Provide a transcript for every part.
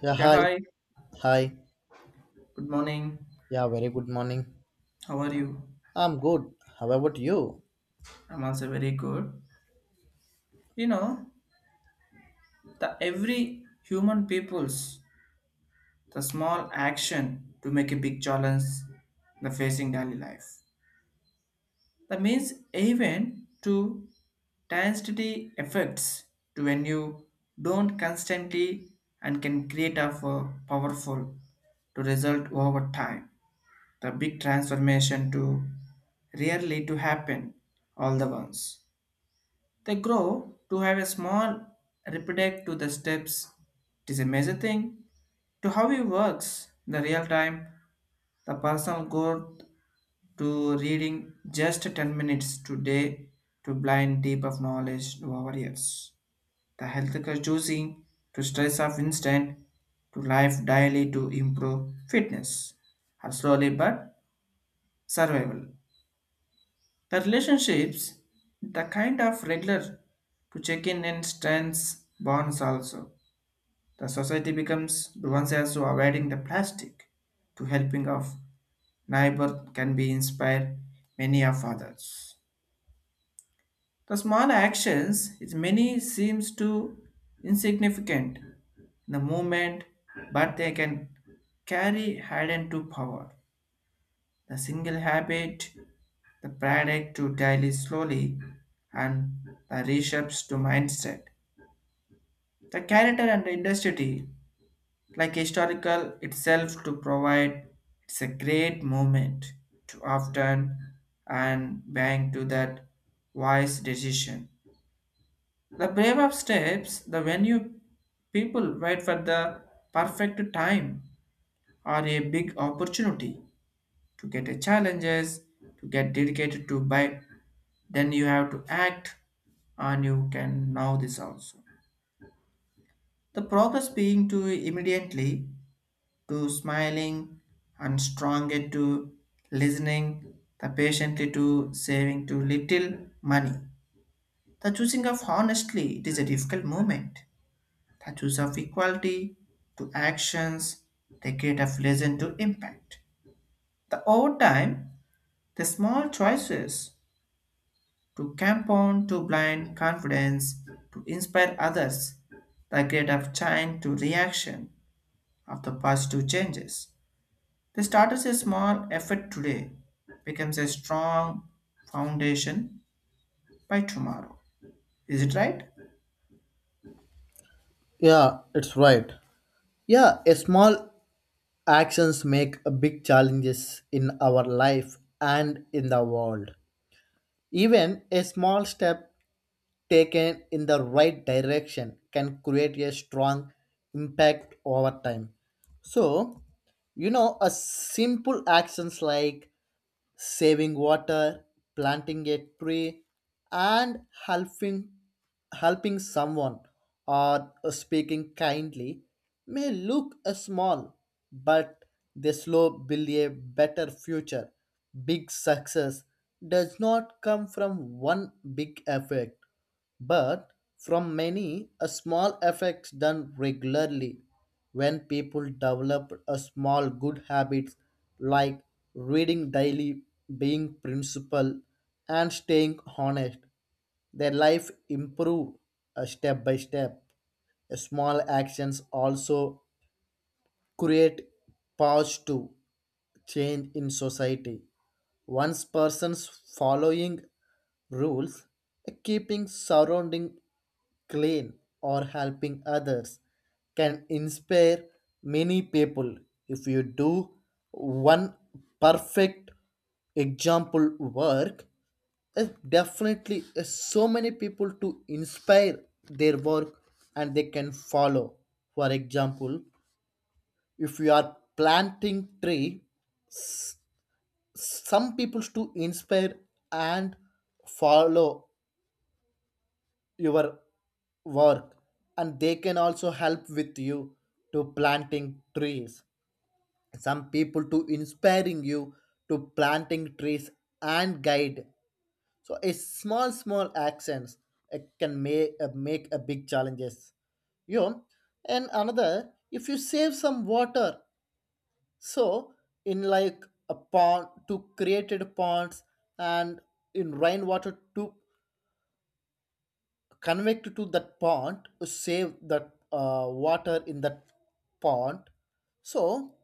Yeah, Yeah, hi. hi. Hi. Good morning. Yeah, very good morning. How are you? I'm good. How about you? I'm also very good. You know, the every human people's the small action to make a big challenge the facing daily life. That means even to density effects to when you don't constantly and can create a powerful to result over time. The big transformation to rarely to happen all the once. They grow to have a small repetitive to the steps. It is a major thing to how he works in the real time. The personal growth to reading just 10 minutes today to blind deep of knowledge to our ears. The health care choosing to stress of instant to life daily to improve fitness are slowly but survival. The relationships, the kind of regular to check in and strengths bonds also. The society becomes the ones also avoiding the plastic to helping of neighbor can be inspired many of others. The small actions is many seems to insignificant in the moment, but they can carry hidden to power. The single habit, the product to daily slowly, and the reshapes to mindset. The character and industry, like historical itself to provide, it's a great moment to often and bang to that wise decision. The brave of steps, the when you people wait for the perfect time or a big opportunity to get a challenges, to get dedicated to by then you have to act, and you can know this also the progress being to immediately to smiling and strong it to listening the patiently to saving to little money, the choosing of honestly it is a difficult moment, the choice of equality to actions, the create of lesson to impact the over time, the small choices to compound to blind confidence to inspire others, the grade of change to reaction of the positive changes. They start as a small effort today, becomes a strong foundation by tomorrow. Is it right? Yeah, it's right. Yeah, a small actions make a big challenges in our life and in the world. Even a small step taken in the right direction can create a strong impact over time. So, you know, a simple actions like saving water, planting a tree, and helping someone or speaking kindly may look small, but they slow build a better future. Big success does not come from one big effect but from many a small effects done regularly when people develop a small good habits like reading daily, being principled, and staying honest, their life improve step by step. Small actions also create positive change in society. Once persons following rules, keeping surrounding clean, or helping others can inspire many people. If you do one perfect example work, it definitely is so many people to inspire their work and they can follow. For example, if you are planting tree, some people to inspire and follow your work and they can also help with you to planting trees. Some people to inspiring you to planting trees and guide. So a small small actions can make make a big challenges, you know, and another if you save some water, so in like a pond to created ponds and in rainwater to connected to that pond to save that water in that pond. So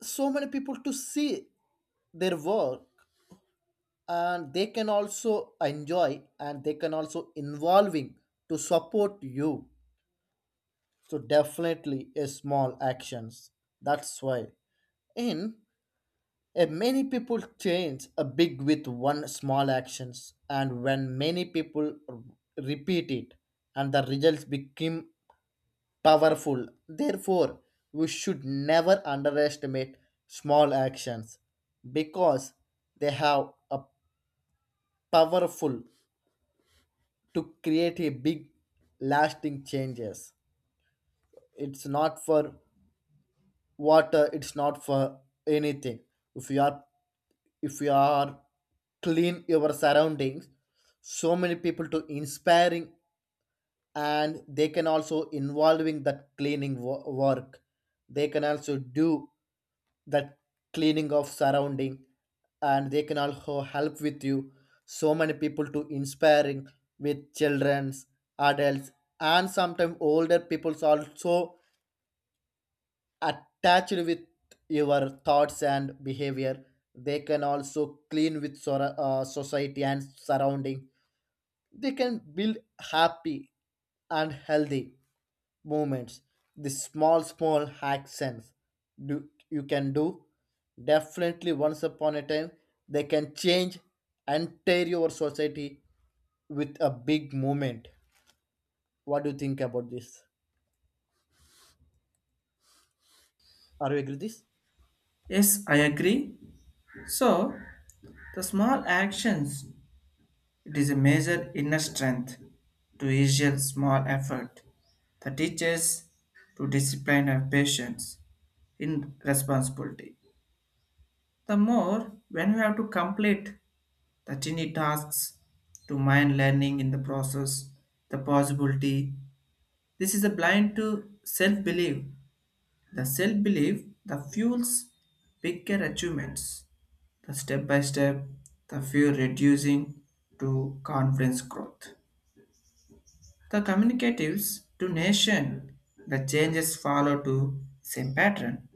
so many people to see their work and they can also enjoy and they can also involving to support you. So definitely a small actions, that's why in a many people change a big with one small actions, and when many people repeat it, and the results become powerful. Therefore, we should never underestimate small actions because they have a powerful to create a big lasting changes. It's not for water, it's not for anything. If you are if you are clean your surroundings, so many people to inspiring and they can also involving that work, they can also do that cleaning of surrounding and they can also help with you. So many people to inspiring with childrens, adults, and sometimes older people's also attached with your thoughts and behavior, they can also clean with society and surrounding, they can build happy and healthy movements. The small, small actions do, you can do. Definitely, once upon a time, they can change entire your society with a big movement. What do you think about this? Are you agree with this? Yes, I agree. So the small actions, it is a major inner strength to easier small effort that teaches to discipline and patience in responsibility. The more when you have to complete the tiny tasks to mind learning in the process, the possibility. This is a blind to self belief. The self belief that fuels bigger achievements. The step by step, the fear reducing to conference growth. The communicatives to nation, the changes follow to same pattern.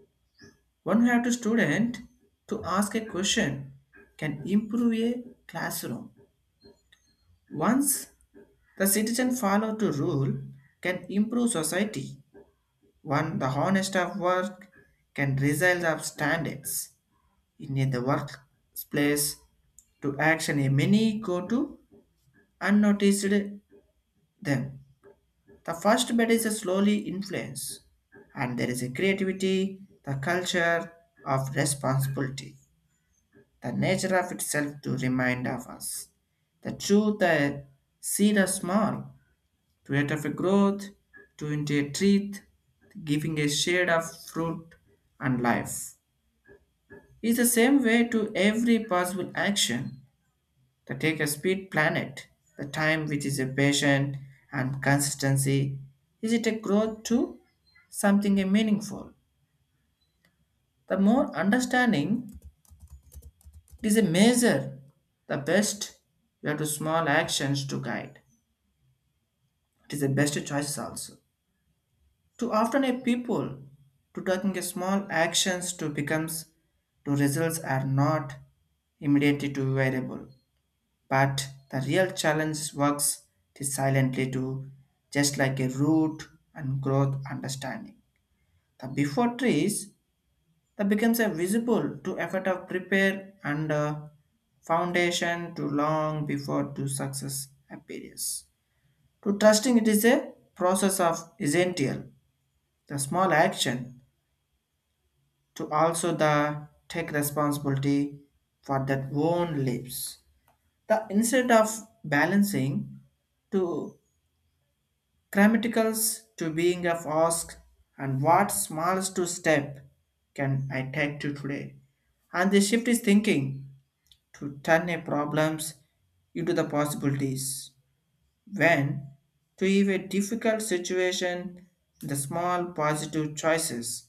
One way to student to ask a question can improve a classroom. Once the citizen follow to rule can improve society. One the honest of work can result of standards in the workplace to action a many go to unnoticed them. The first bed is a slowly influence, and there is a creativity, the culture of responsibility. The nature of itself to remind of us. The truth the seed are small, to yet of a growth, to into a tree, giving a shade of fruit and life. Is the same way to every possible action to take a speed planet, the time which is a patient and consistency. Is it a growth to something a meaningful. The more understanding, it is a measure, the best you have to small actions to guide. It is the best choices also. Too often a people to taking a small actions to becomes to results are not immediately to variable, but the real challenge works to silently to just like a root and growth understanding. The before trees that becomes a visible to effort of prepare and foundation to long before to success appears. To trusting it is a process of essential, the small action to also the take responsibility for that own lives. The instead of balancing to grammaticals to being of ask, and what smallest to step can I take to today? And the shift is thinking to turn a problems into the possibilities. When to leave a difficult situation, the small positive choices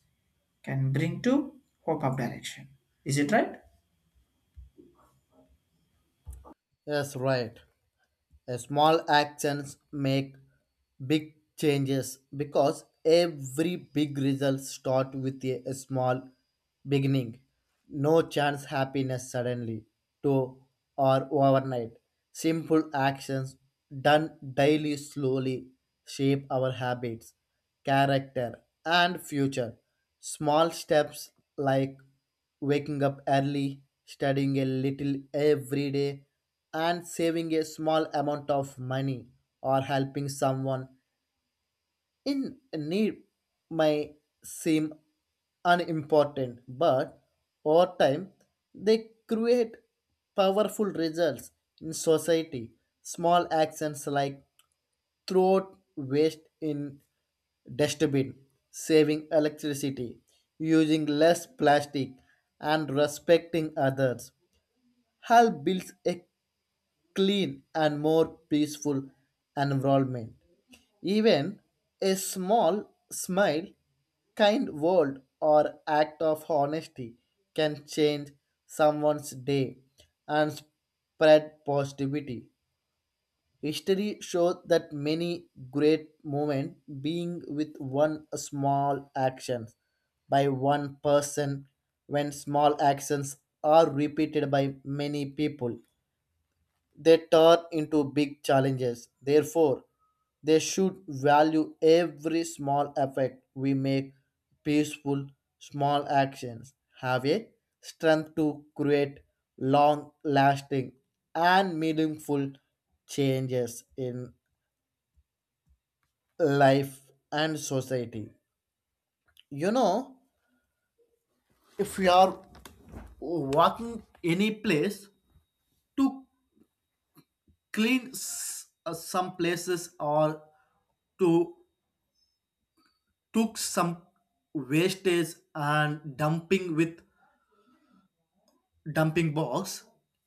can bring to hope of direction. Is it right? Yes, right. A small actions make big changes because every big result start with a small beginning. No chance happiness suddenly to or overnight. Simple actions done daily slowly shape our habits, character, and future. Small steps like waking up early, studying a little every day, and saving a small amount of money or helping someone in need may seem unimportant, but over time they create powerful results in society. Small actions like throw waste in dustbin, saving electricity, using less plastic, and respecting others help build a clean and more peaceful environment. Even a small smile, kind word, or act of honesty can change someone's day and spread positivity. History shows that many great moments being with one small action by one person. When small actions are repeated by many people, they turn into big challenges. Therefore, they should value every small effect we make. Peaceful small actions have a strength to create long lasting and meaningful changes in life and society. You know, if you are walking any place to clean some places or to took some wastage and dumping with dumping box,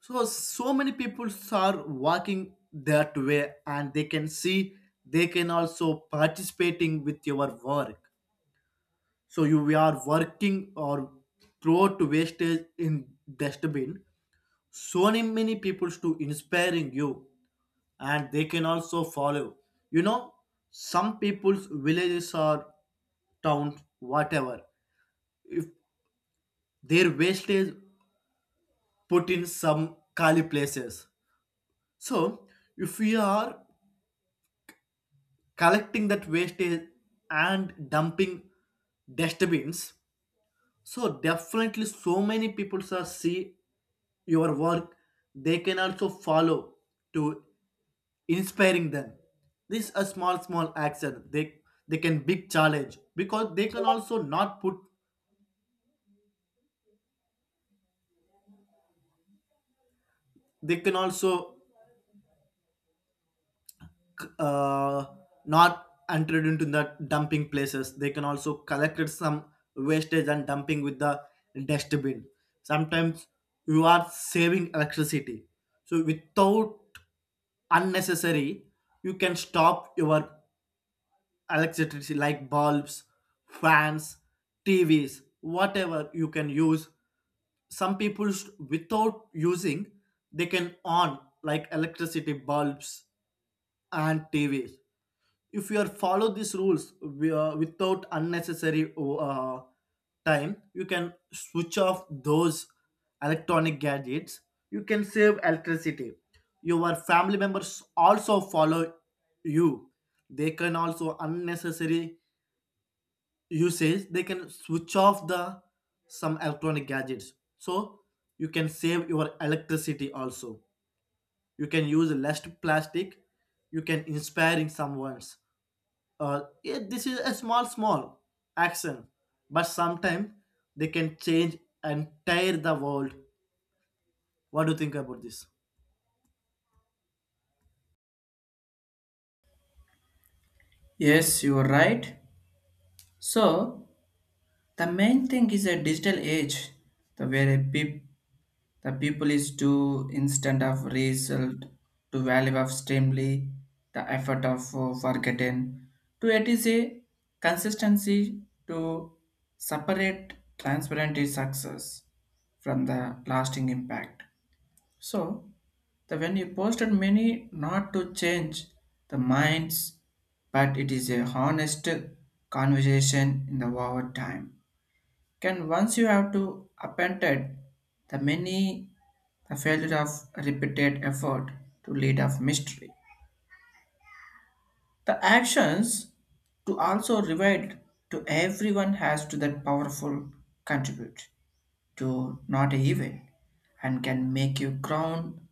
so so many people are walking that way and they can see, they can also participating with your work. So you are working or throw to wastage in dustbin, so many many people to inspiring you and they can also follow. You know, some people's villages or towns, whatever, if their wastage put in some kali places. So if we are collecting that wastage and dumping dustbins, so definitely so many people are see your work. They can also follow to inspiring them. This a small small action. They can big challenge because they can also not put. They can also uh, not entered into the dumping places. They can also collect some wastage and dumping with the dustbin. Sometimes you are saving electricity. So without unnecessary, you can stop your electricity like bulbs, fans, TVs, whatever you can use. Some people without using, they can on like electricity bulbs and TVs. If you are follow these rules, without unnecessary time, you can switch off those electronic gadgets, you can save electricity. Your family members also follow you, they can also unnecessary usage, they can switch off the some electronic gadgets. So you can save your electricity also, you can use less plastic, you can inspiring someone. Yeah, this is a small small action, but sometimes they can change and tear the world. What do you think about this? Yes, you are right. So the main thing is a digital age, the where a the people is too instant of result to value of extremely the effort of forgotten to it is a consistency to separate transparent success from the lasting impact. So the when you posted many not to change the minds, but it is a honest conversation in the over time. Can once you have to appointed the many the failure of repeated effort to lead of mystery. The actions to also revealed to everyone has to that powerful contribute to not evil and can make you crown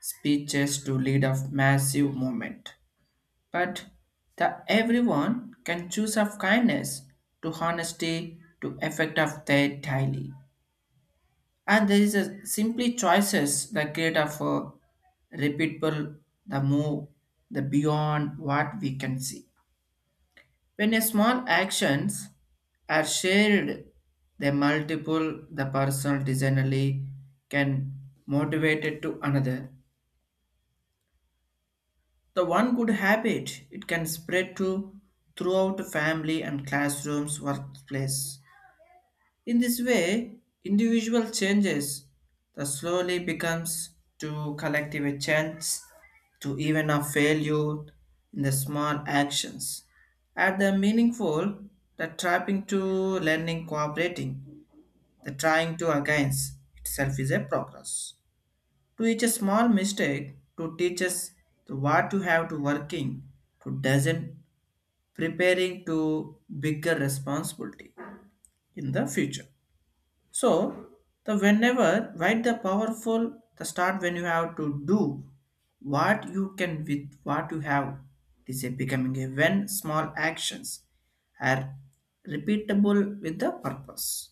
speeches to lead of massive movement. But the everyone can choose of kindness to honesty to effect of their daily. And there is a simply choices that create of a repeatable the move the beyond what we can see. When a small actions are shared, the multiple the personal designerly can motivate it to another. The one good habit it can spread to throughout family and classrooms workplace. In this way, individual changes that slowly becomes to collective a chance to even a failure in the small actions. At the meaningful, the trapping to learning cooperating, the trying to against itself is a progress. To each a small mistake to teach us the what you have to working to doesn't preparing to bigger responsibility in the future. So the whenever why the powerful the start when you have to do what you can with what you have. It is a becoming a when small actions are repeatable with the purpose.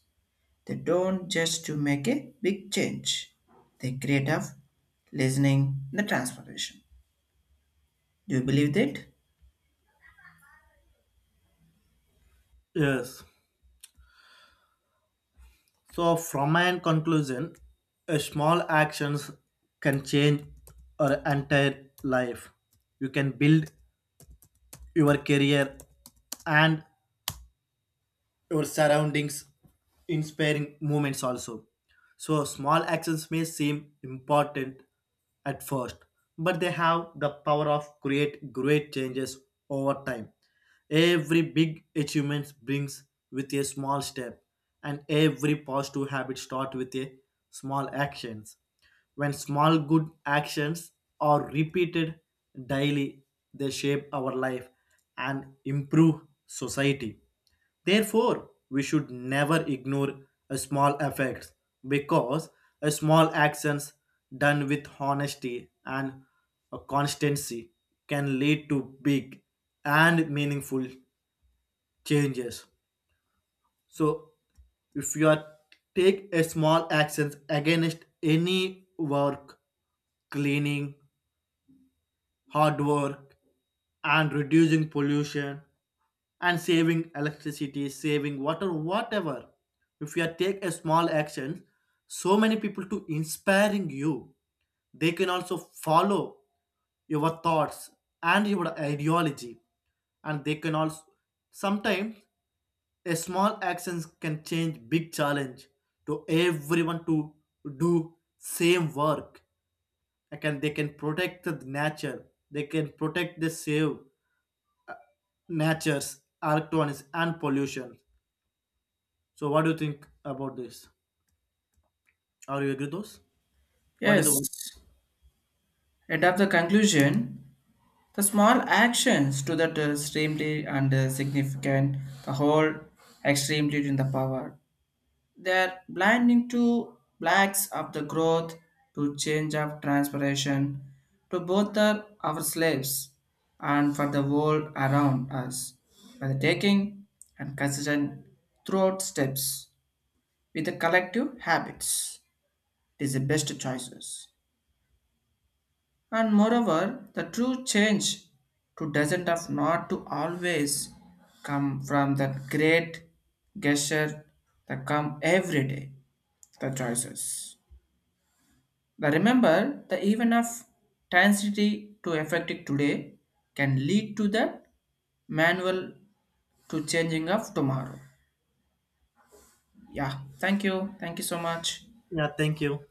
They don't just to make a big change. They create a listening the transformation. Do you believe that? Yes. So from my end conclusion, a small actions can change our entire life. You can build your career and your surroundings, inspiring moments also. So small actions may seem important at first, but they have the power of create great changes over time. Every big achievement brings with a small step and every positive habit start with a small actions. When small good actions are repeated daily, they shape our life and improve society. Therefore, we should never ignore a small effects because a small actions done with honesty and a constancy can lead to big and meaningful changes. So, if you are take a small actions against any work, cleaning, hard work, and reducing pollution and saving electricity, saving water, whatever. If you take a small action, so many people to inspiring you, they can also follow your thoughts and your ideology, and they can also sometimes a small actions can change big challenge to everyone to do same work. I can they can protect the nature, they can protect the save natures, electronics and pollution. So what do you think about this? Are you agree those? What is Yes. the And of the conclusion, the small actions to that extremely and significant, the whole extremely in the power. They are blinding to blacks of the growth, to change of transpiration, to both the, our slaves and for the world around us. By the taking and consistent throughout steps with the collective habits, it is the best choices. And moreover, the true change to doesn't of not to always come from that great gesture that come every day, the choices. The remember the even of intensity to effective today can lead to the manual to changing of tomorrow. Yeah, thank you. Thank you so much. Yeah, thank you.